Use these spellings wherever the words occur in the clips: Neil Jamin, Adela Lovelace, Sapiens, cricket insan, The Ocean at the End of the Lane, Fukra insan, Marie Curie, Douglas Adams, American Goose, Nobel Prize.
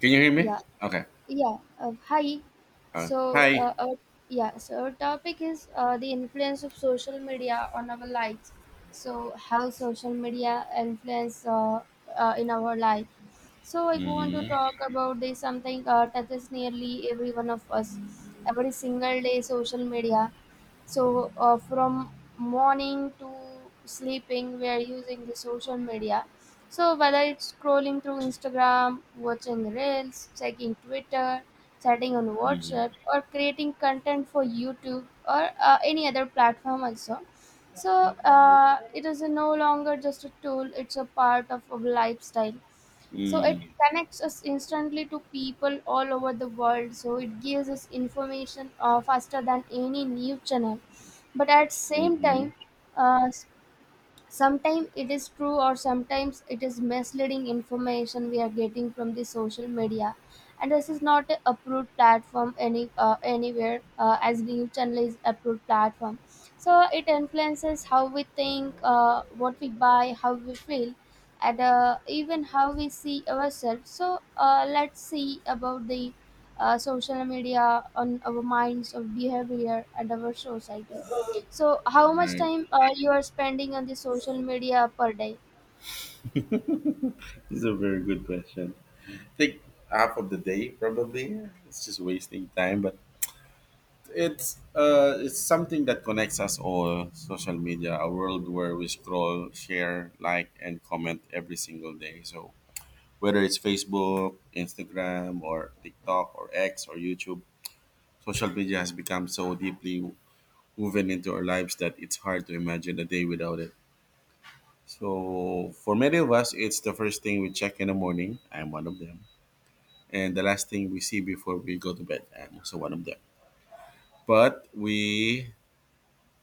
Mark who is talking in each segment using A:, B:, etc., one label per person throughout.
A: Can you hear me?
B: Yeah,
A: Okay.
B: yeah. Hi.
A: Uh,
B: So,
A: hi.
B: our, yeah. So our topic is the influence of social media on our lives. So how social media influence in our life. So I want to
A: Mm-hmm.
B: talk about this, something touches nearly every one of us every single day. Social media. So from morning to sleeping, we are using the social media, so whether it's scrolling through Instagram, watching reels, checking Twitter, chatting on
A: Mm-hmm.
B: WhatsApp, or creating content for YouTube or any other platform also. So it is no longer just a tool; it's a part of our lifestyle. So it connects us instantly to people all over the world. So it gives us information faster than any news channel. But at same
A: Mm-hmm.
B: time, uh, Sometimes it is true, or sometimes it is misleading information we are getting from the social media. And this is not a approved platform anywhere as news channel is approved platform. So it influences how we think, what we buy, how we feel, and even how we see ourselves. So let's see about the social media on our minds, our behavior, and our society. So how much
A: Right.
B: time you are spending on the social media per day?
A: This is a very good question. I think half of the day probably. It's just wasting time, but it's something that connects us all. Social media, a world where we scroll, share, like, and comment every single day. So whether it's Facebook, Instagram, or TikTok, or X, or YouTube, social media has become so deeply woven into our lives that it's hard to imagine a day without it. So for many of us, it's the first thing we check in the morning. I'm one of them. And the last thing we see before we go to bed. I'm also one of them. But we,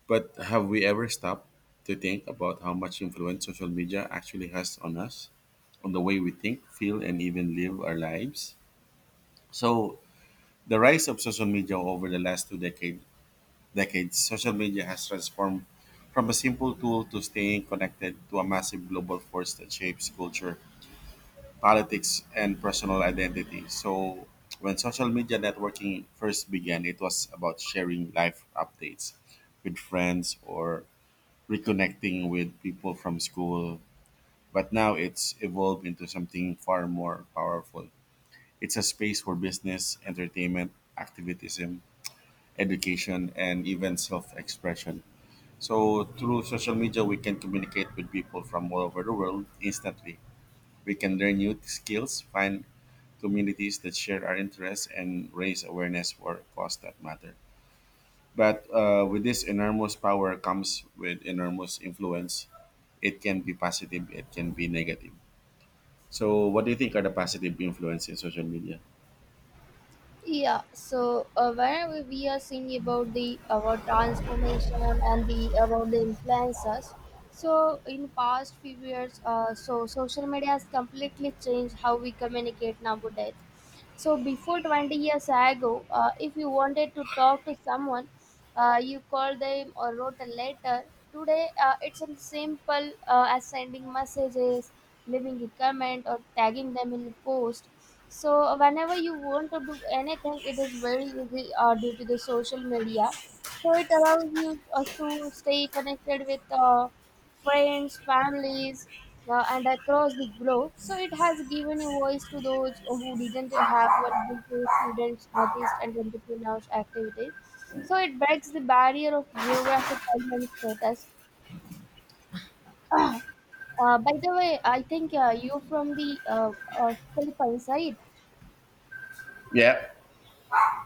A: but have we ever stopped to think about how much influence social media actually has on us, on the way we think, feel, and even live our lives? So the rise of social media over the last two decades, social media has transformed from a simple tool to staying connected to a massive global force that shapes culture, politics, and personal identity. So, when social media networking first began, it was about sharing life updates with friends or reconnecting with people from school. But now it's evolved into something far more powerful. It's a space for business, entertainment, activism, education, and even self expression. So through social media, we can communicate with people from all over the world instantly. We can learn new skills, find communities that share our interests, and raise awareness for cause that matter. But with this enormous power comes with enormous influence. It can be positive, it can be negative. So, what do you think are the positive influence in social media?
B: Yeah, so whenever we are seeing about the our transformation and the about the influencers, so in past few years, so social media has completely changed how we communicate nowadays. So before 20 years ago, if you wanted to talk to someone, you called them or wrote a letter. Today, it's as simple as sending messages, leaving a comment, or tagging them in a post, so whenever you want to do anything, it is very easy due to the social media. So it allows you us to stay connected with friends, families, and across the globe. So it has given a voice to those who didn't have one before: students, artists, and entrepreneurs activities. So it breaks the barrier of geographic time and status. By the way, I think you're from the Philippines, right?
A: Yeah.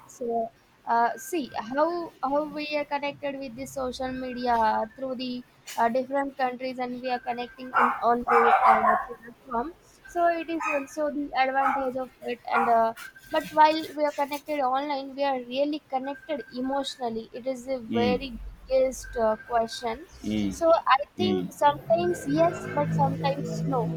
B: So, see how we are connected with the social media through the different countries, and we are connecting in on the platform. So it is also the advantage of it, and but while we are connected online, we are really connected emotionally. It is the very biggest question. So I think sometimes yes, but sometimes no.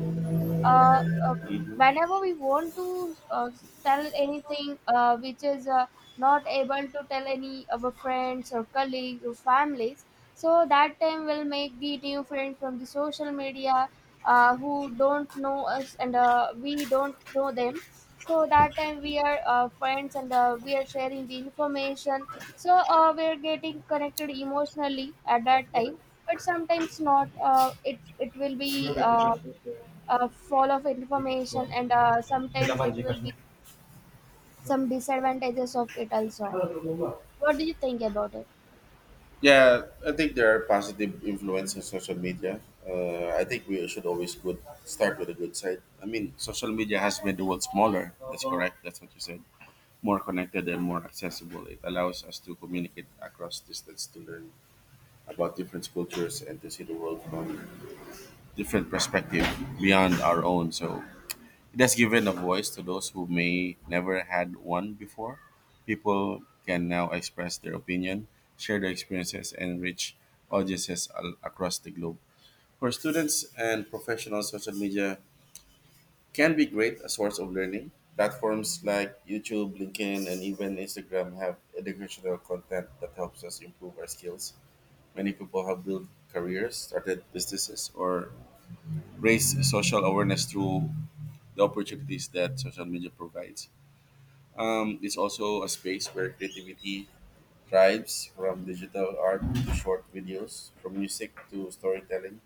B: uh, uh,
A: Mhm.
B: Whenever we want to tell anything which is not able to tell any our friends or colleagues or families, so that time we'll make the new friend from the social media, who don't know us and we don't know them, so that time we are friends and we are sharing the information, so we are getting connected emotionally at that time. But sometimes not, it will be fall of information, and sometimes it will be some disadvantages of it also. What do you think about it?
A: Yeah, I think there are positive influences of social media. I think we should always good start with a good side. I mean, social media has made the world smaller. That's correct. That's what you said. More connected and more accessible. It allows us to communicate across distance, to learn about different cultures, and to see the world from different perspective beyond our own. So it has given a voice to those who may never had one before. People can now express their opinion, share their experiences, and reach audiences across the globe. For students and professionals, social media can be great a source of learning. Platforms like YouTube, LinkedIn, and even Instagram have educational content that helps us improve our skills. Many people have built careers, started businesses, or raised social awareness through the opportunities that social media provides. It's also a space where creativity thrives from digital art to short videos, from music to storytelling.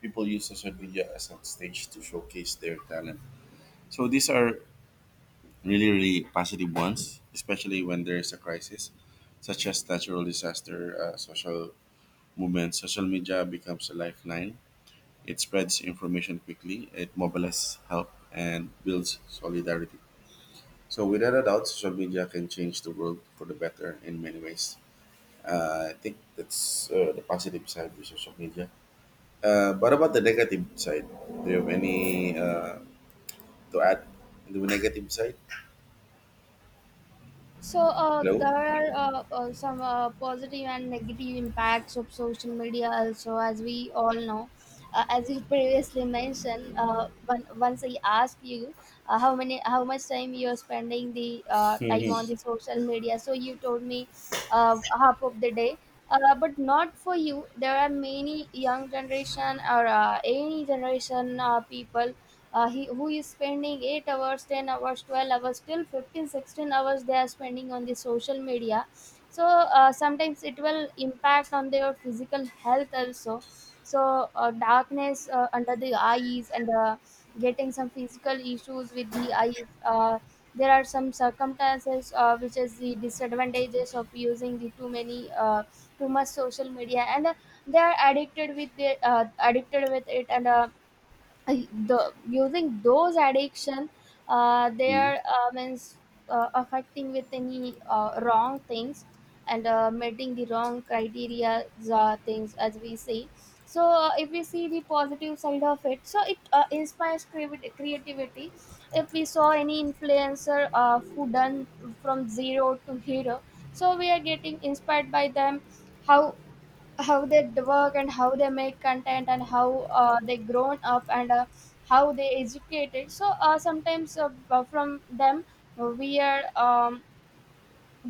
A: People use social media as a stage to showcase their talent. So these are really, really positive ones, especially when there's a crisis, such as natural disaster, social movement. Social media becomes a lifeline. It spreads information quickly, it mobilizes help, and builds solidarity. So without a doubt, social media can change the world for the better in many ways. I think that's the positive side of social media. But about the negative side, do you have any to add on the negative side?
B: So uh,
A: Hello.
B: there are uh, uh, some positive and negative impacts of social media also, as we all know. As you previously mentioned, one once I asked you how much time you are spending the time
A: Mm-hmm.
B: on the social media, so you told me half of the day. But not for you. There are many young generation or any generation people, he who is spending 8 hours, 10 hours, 12 hours, till 15, 16 hours they are spending on the social media. So sometimes it will impact on their physical health also. So darkness under the eyes and getting some physical issues with the eyes. uh, there are some circumstances which is the disadvantages of using the too many too much social media, and they are addicted with it, and uh, the using those addiction, they are
A: Mm-hmm.
B: means affecting with any wrong things and meeting the wrong criteria things as we see. So if we see the positive side of it, so it inspires creativity. If we saw any influencer who done from zero to hero, so we are getting inspired by them. How how they work, and how they make content, and how they grown up, and how they educated. So sometimes from them we are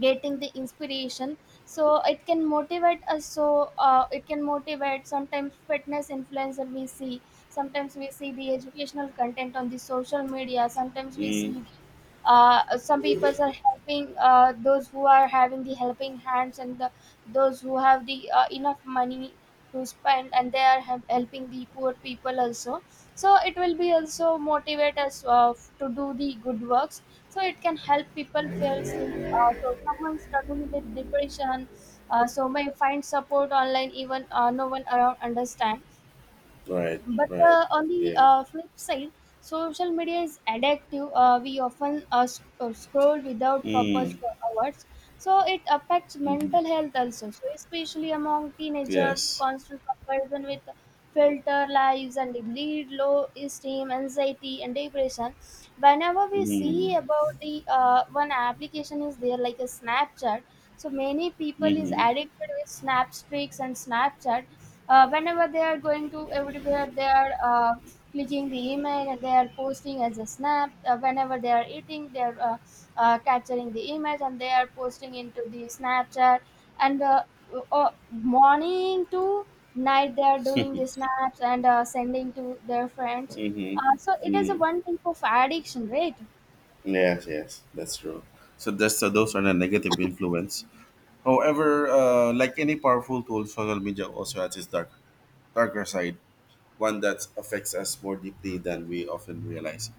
B: getting the inspiration, so it can motivate us. So it can motivate, sometimes fitness influencer we see, sometimes we see the educational content on the social media, sometimes we see
A: Mm,
B: the some people are helping those who are having the helping hands and the, those who have the enough money to spend and they are helping the poor people also. So it will be also motivate us to do the good works. So it can help people feel seen, so someone struggling with depression so may find support online even no one around understand.
A: right.
B: But
A: Right.
B: on the
A: Yeah.
B: flip side, social media is addictive. We often scroll without purpose
A: Mm,
B: for hours. So it affects
A: mm-hmm.
B: mental health also, so especially among teenagers,
A: Yes.
B: constant comparison with filter lives, and it lead low esteem, anxiety, and depression. Whenever we see
A: Mm,
B: about the one application is there like a Snapchat, so many people is
A: mm-hmm.
B: addicted with Snapstreaks and Snapchat. Whenever they are going to everywhere, they are clicking the email and they are posting as a snap. Whenever they are eating, they are capturing the image and they are posting into the Snapchat. And morning to night they are doing the snaps and sending to their friends.
A: Mm-hmm.
B: So it is a
A: Mm-hmm.
B: one type of addiction, right?
A: Yes. Yes. That's true. So that's so those are the negative influence. However, like any powerful tool, social media also has its darker side, one that affects us more deeply than we often realize.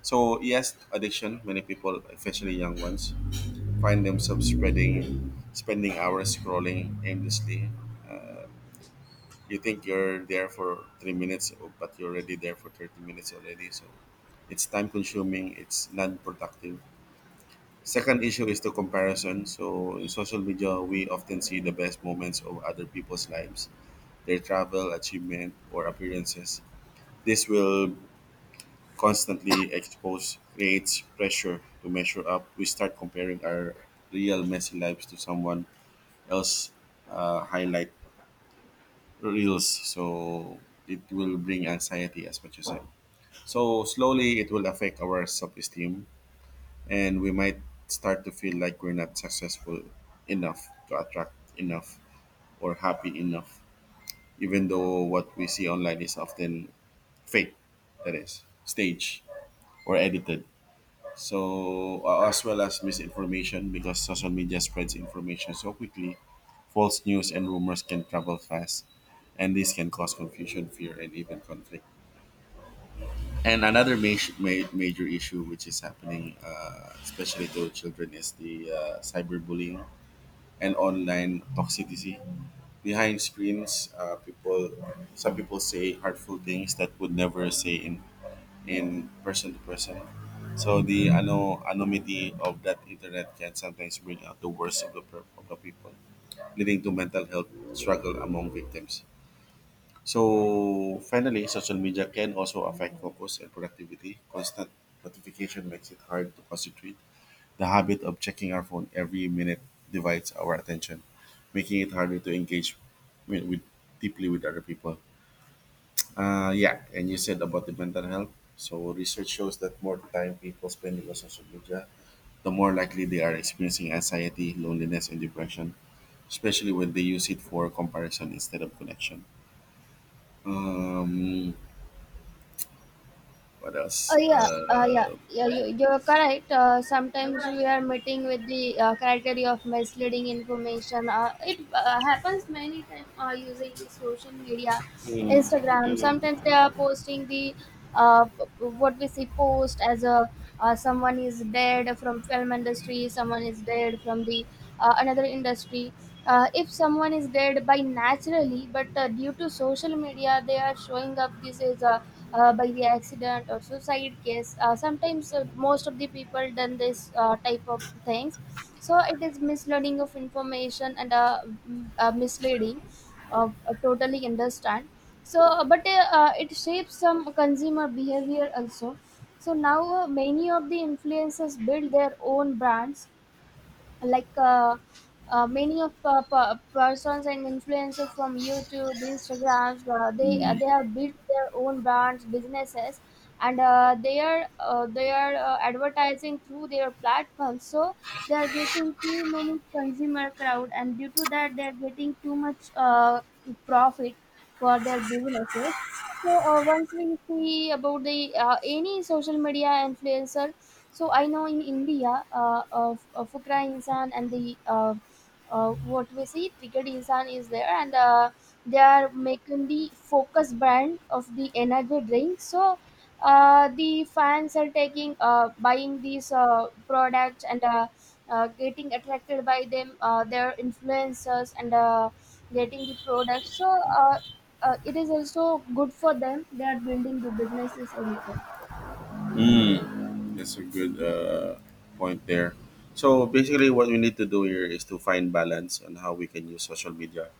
A: So, yes, addiction. Many people, especially young ones, find themselves spending hours scrolling aimlessly. Uh, you think you're there for 3 minutes, but you're already there for 30 minutes already. So, it's time consuming. It's non productive. Second issue is the comparison. So in social media, we often see the best moments of other people's lives, their travel, achievement, or appearances. This will constantly expose creates pressure to measure up. We start comparing our real messy lives to someone else highlight reels. So it will bring anxiety as what you said. So slowly it will affect our self-esteem and we might start to feel like we're not successful enough to attract enough or happy enough, even though what we see online is often fake, that is, staged or edited. So, as well as misinformation, because social media spreads information so quickly, false news and rumors can travel fast, and this can cause confusion, fear, and even conflict. And another major issue which is happening, especially to children, is the cyberbullying and online toxicity. Behind screens, some people say hurtful things that would never say in person to person. So the anonymity of that internet can sometimes bring out the worst of the people, leading to mental health struggle among victims. So finally, social media can also affect focus and productivity. Constant notification makes it hard to concentrate. The habit of checking our phone every minute divides our attention, making it harder to engage with deeply with other people. Yeah, and you said about the mental health. So research shows that more time people spending on social media, the more likely they are experiencing anxiety, loneliness, and depression, especially when they use it for comparison instead of connection. Um, what
B: Oh
A: else?
B: yeah, You, you're correct. Sometimes we are meeting with the criteria of misleading information. It happens many times using the social media, Instagram. Sometimes they are posting the what we see post as a someone is dead from film industry, someone is dead from the another industry. If someone is dead by naturally, but due to social media they are showing up this is by the accident or suicide case. Sometimes most of the people done this type of things. So it is misleading of information, and misleading, totally understand. So but it shapes some consumer behavior also. So now many of the influencers build their own brands, like many of persons and influencers from YouTube, Instagrams, they have built their own brands, businesses, and they are advertising through their platform. So they are getting too many consumer crowd, and due to that, they are getting too much profit for their businesses. So once we see about the any social media influencer, so I know in India, Fukra insan and the what we say cricket insan is there, and they are making the focus brand of the energy drink. So the fans are taking buying these products and getting attracted by them. Their influencers and getting the products. So it is also good for them. They are building the businesses also.
A: Mm, that's a good point there. So basically, what we need to do here is to find balance on how we can use social media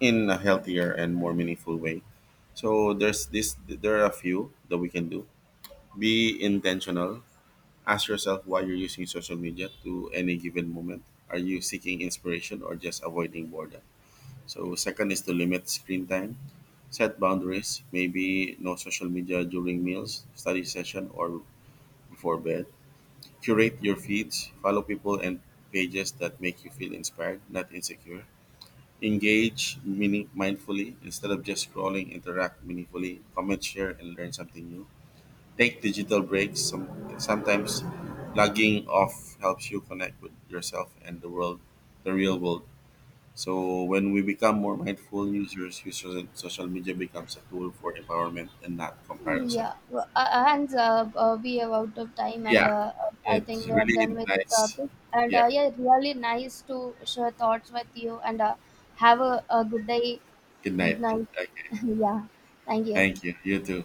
A: in a healthier and more meaningful way. So there's this. There are a few that we can do. Be intentional. Ask yourself why you're using social media to any given moment. Are you seeking inspiration or just avoiding boredom? So second is to limit screen time. Set boundaries. Maybe no social media during meals, study session, or before bed. Curate your feeds, follow people and pages that make you feel inspired, not insecure. Engage mindfully instead of just scrolling, interact meaningfully, comment, share, and learn something new. Take digital breaks. Sometimes logging off helps you connect with yourself and the world, the real world. So when we become more mindful users social media becomes a tool for empowerment and not comparison.
B: Yeah, w- and We are out of time, and
A: Yeah,
B: I think
A: it's
B: we are done
A: really
B: with the
A: nice.
B: topic. And
A: Yeah,
B: yeah, really nice to share thoughts with you, and have a good day,
A: good
B: good
A: night.
B: night. Yeah, thank you.
A: Thank you. You too.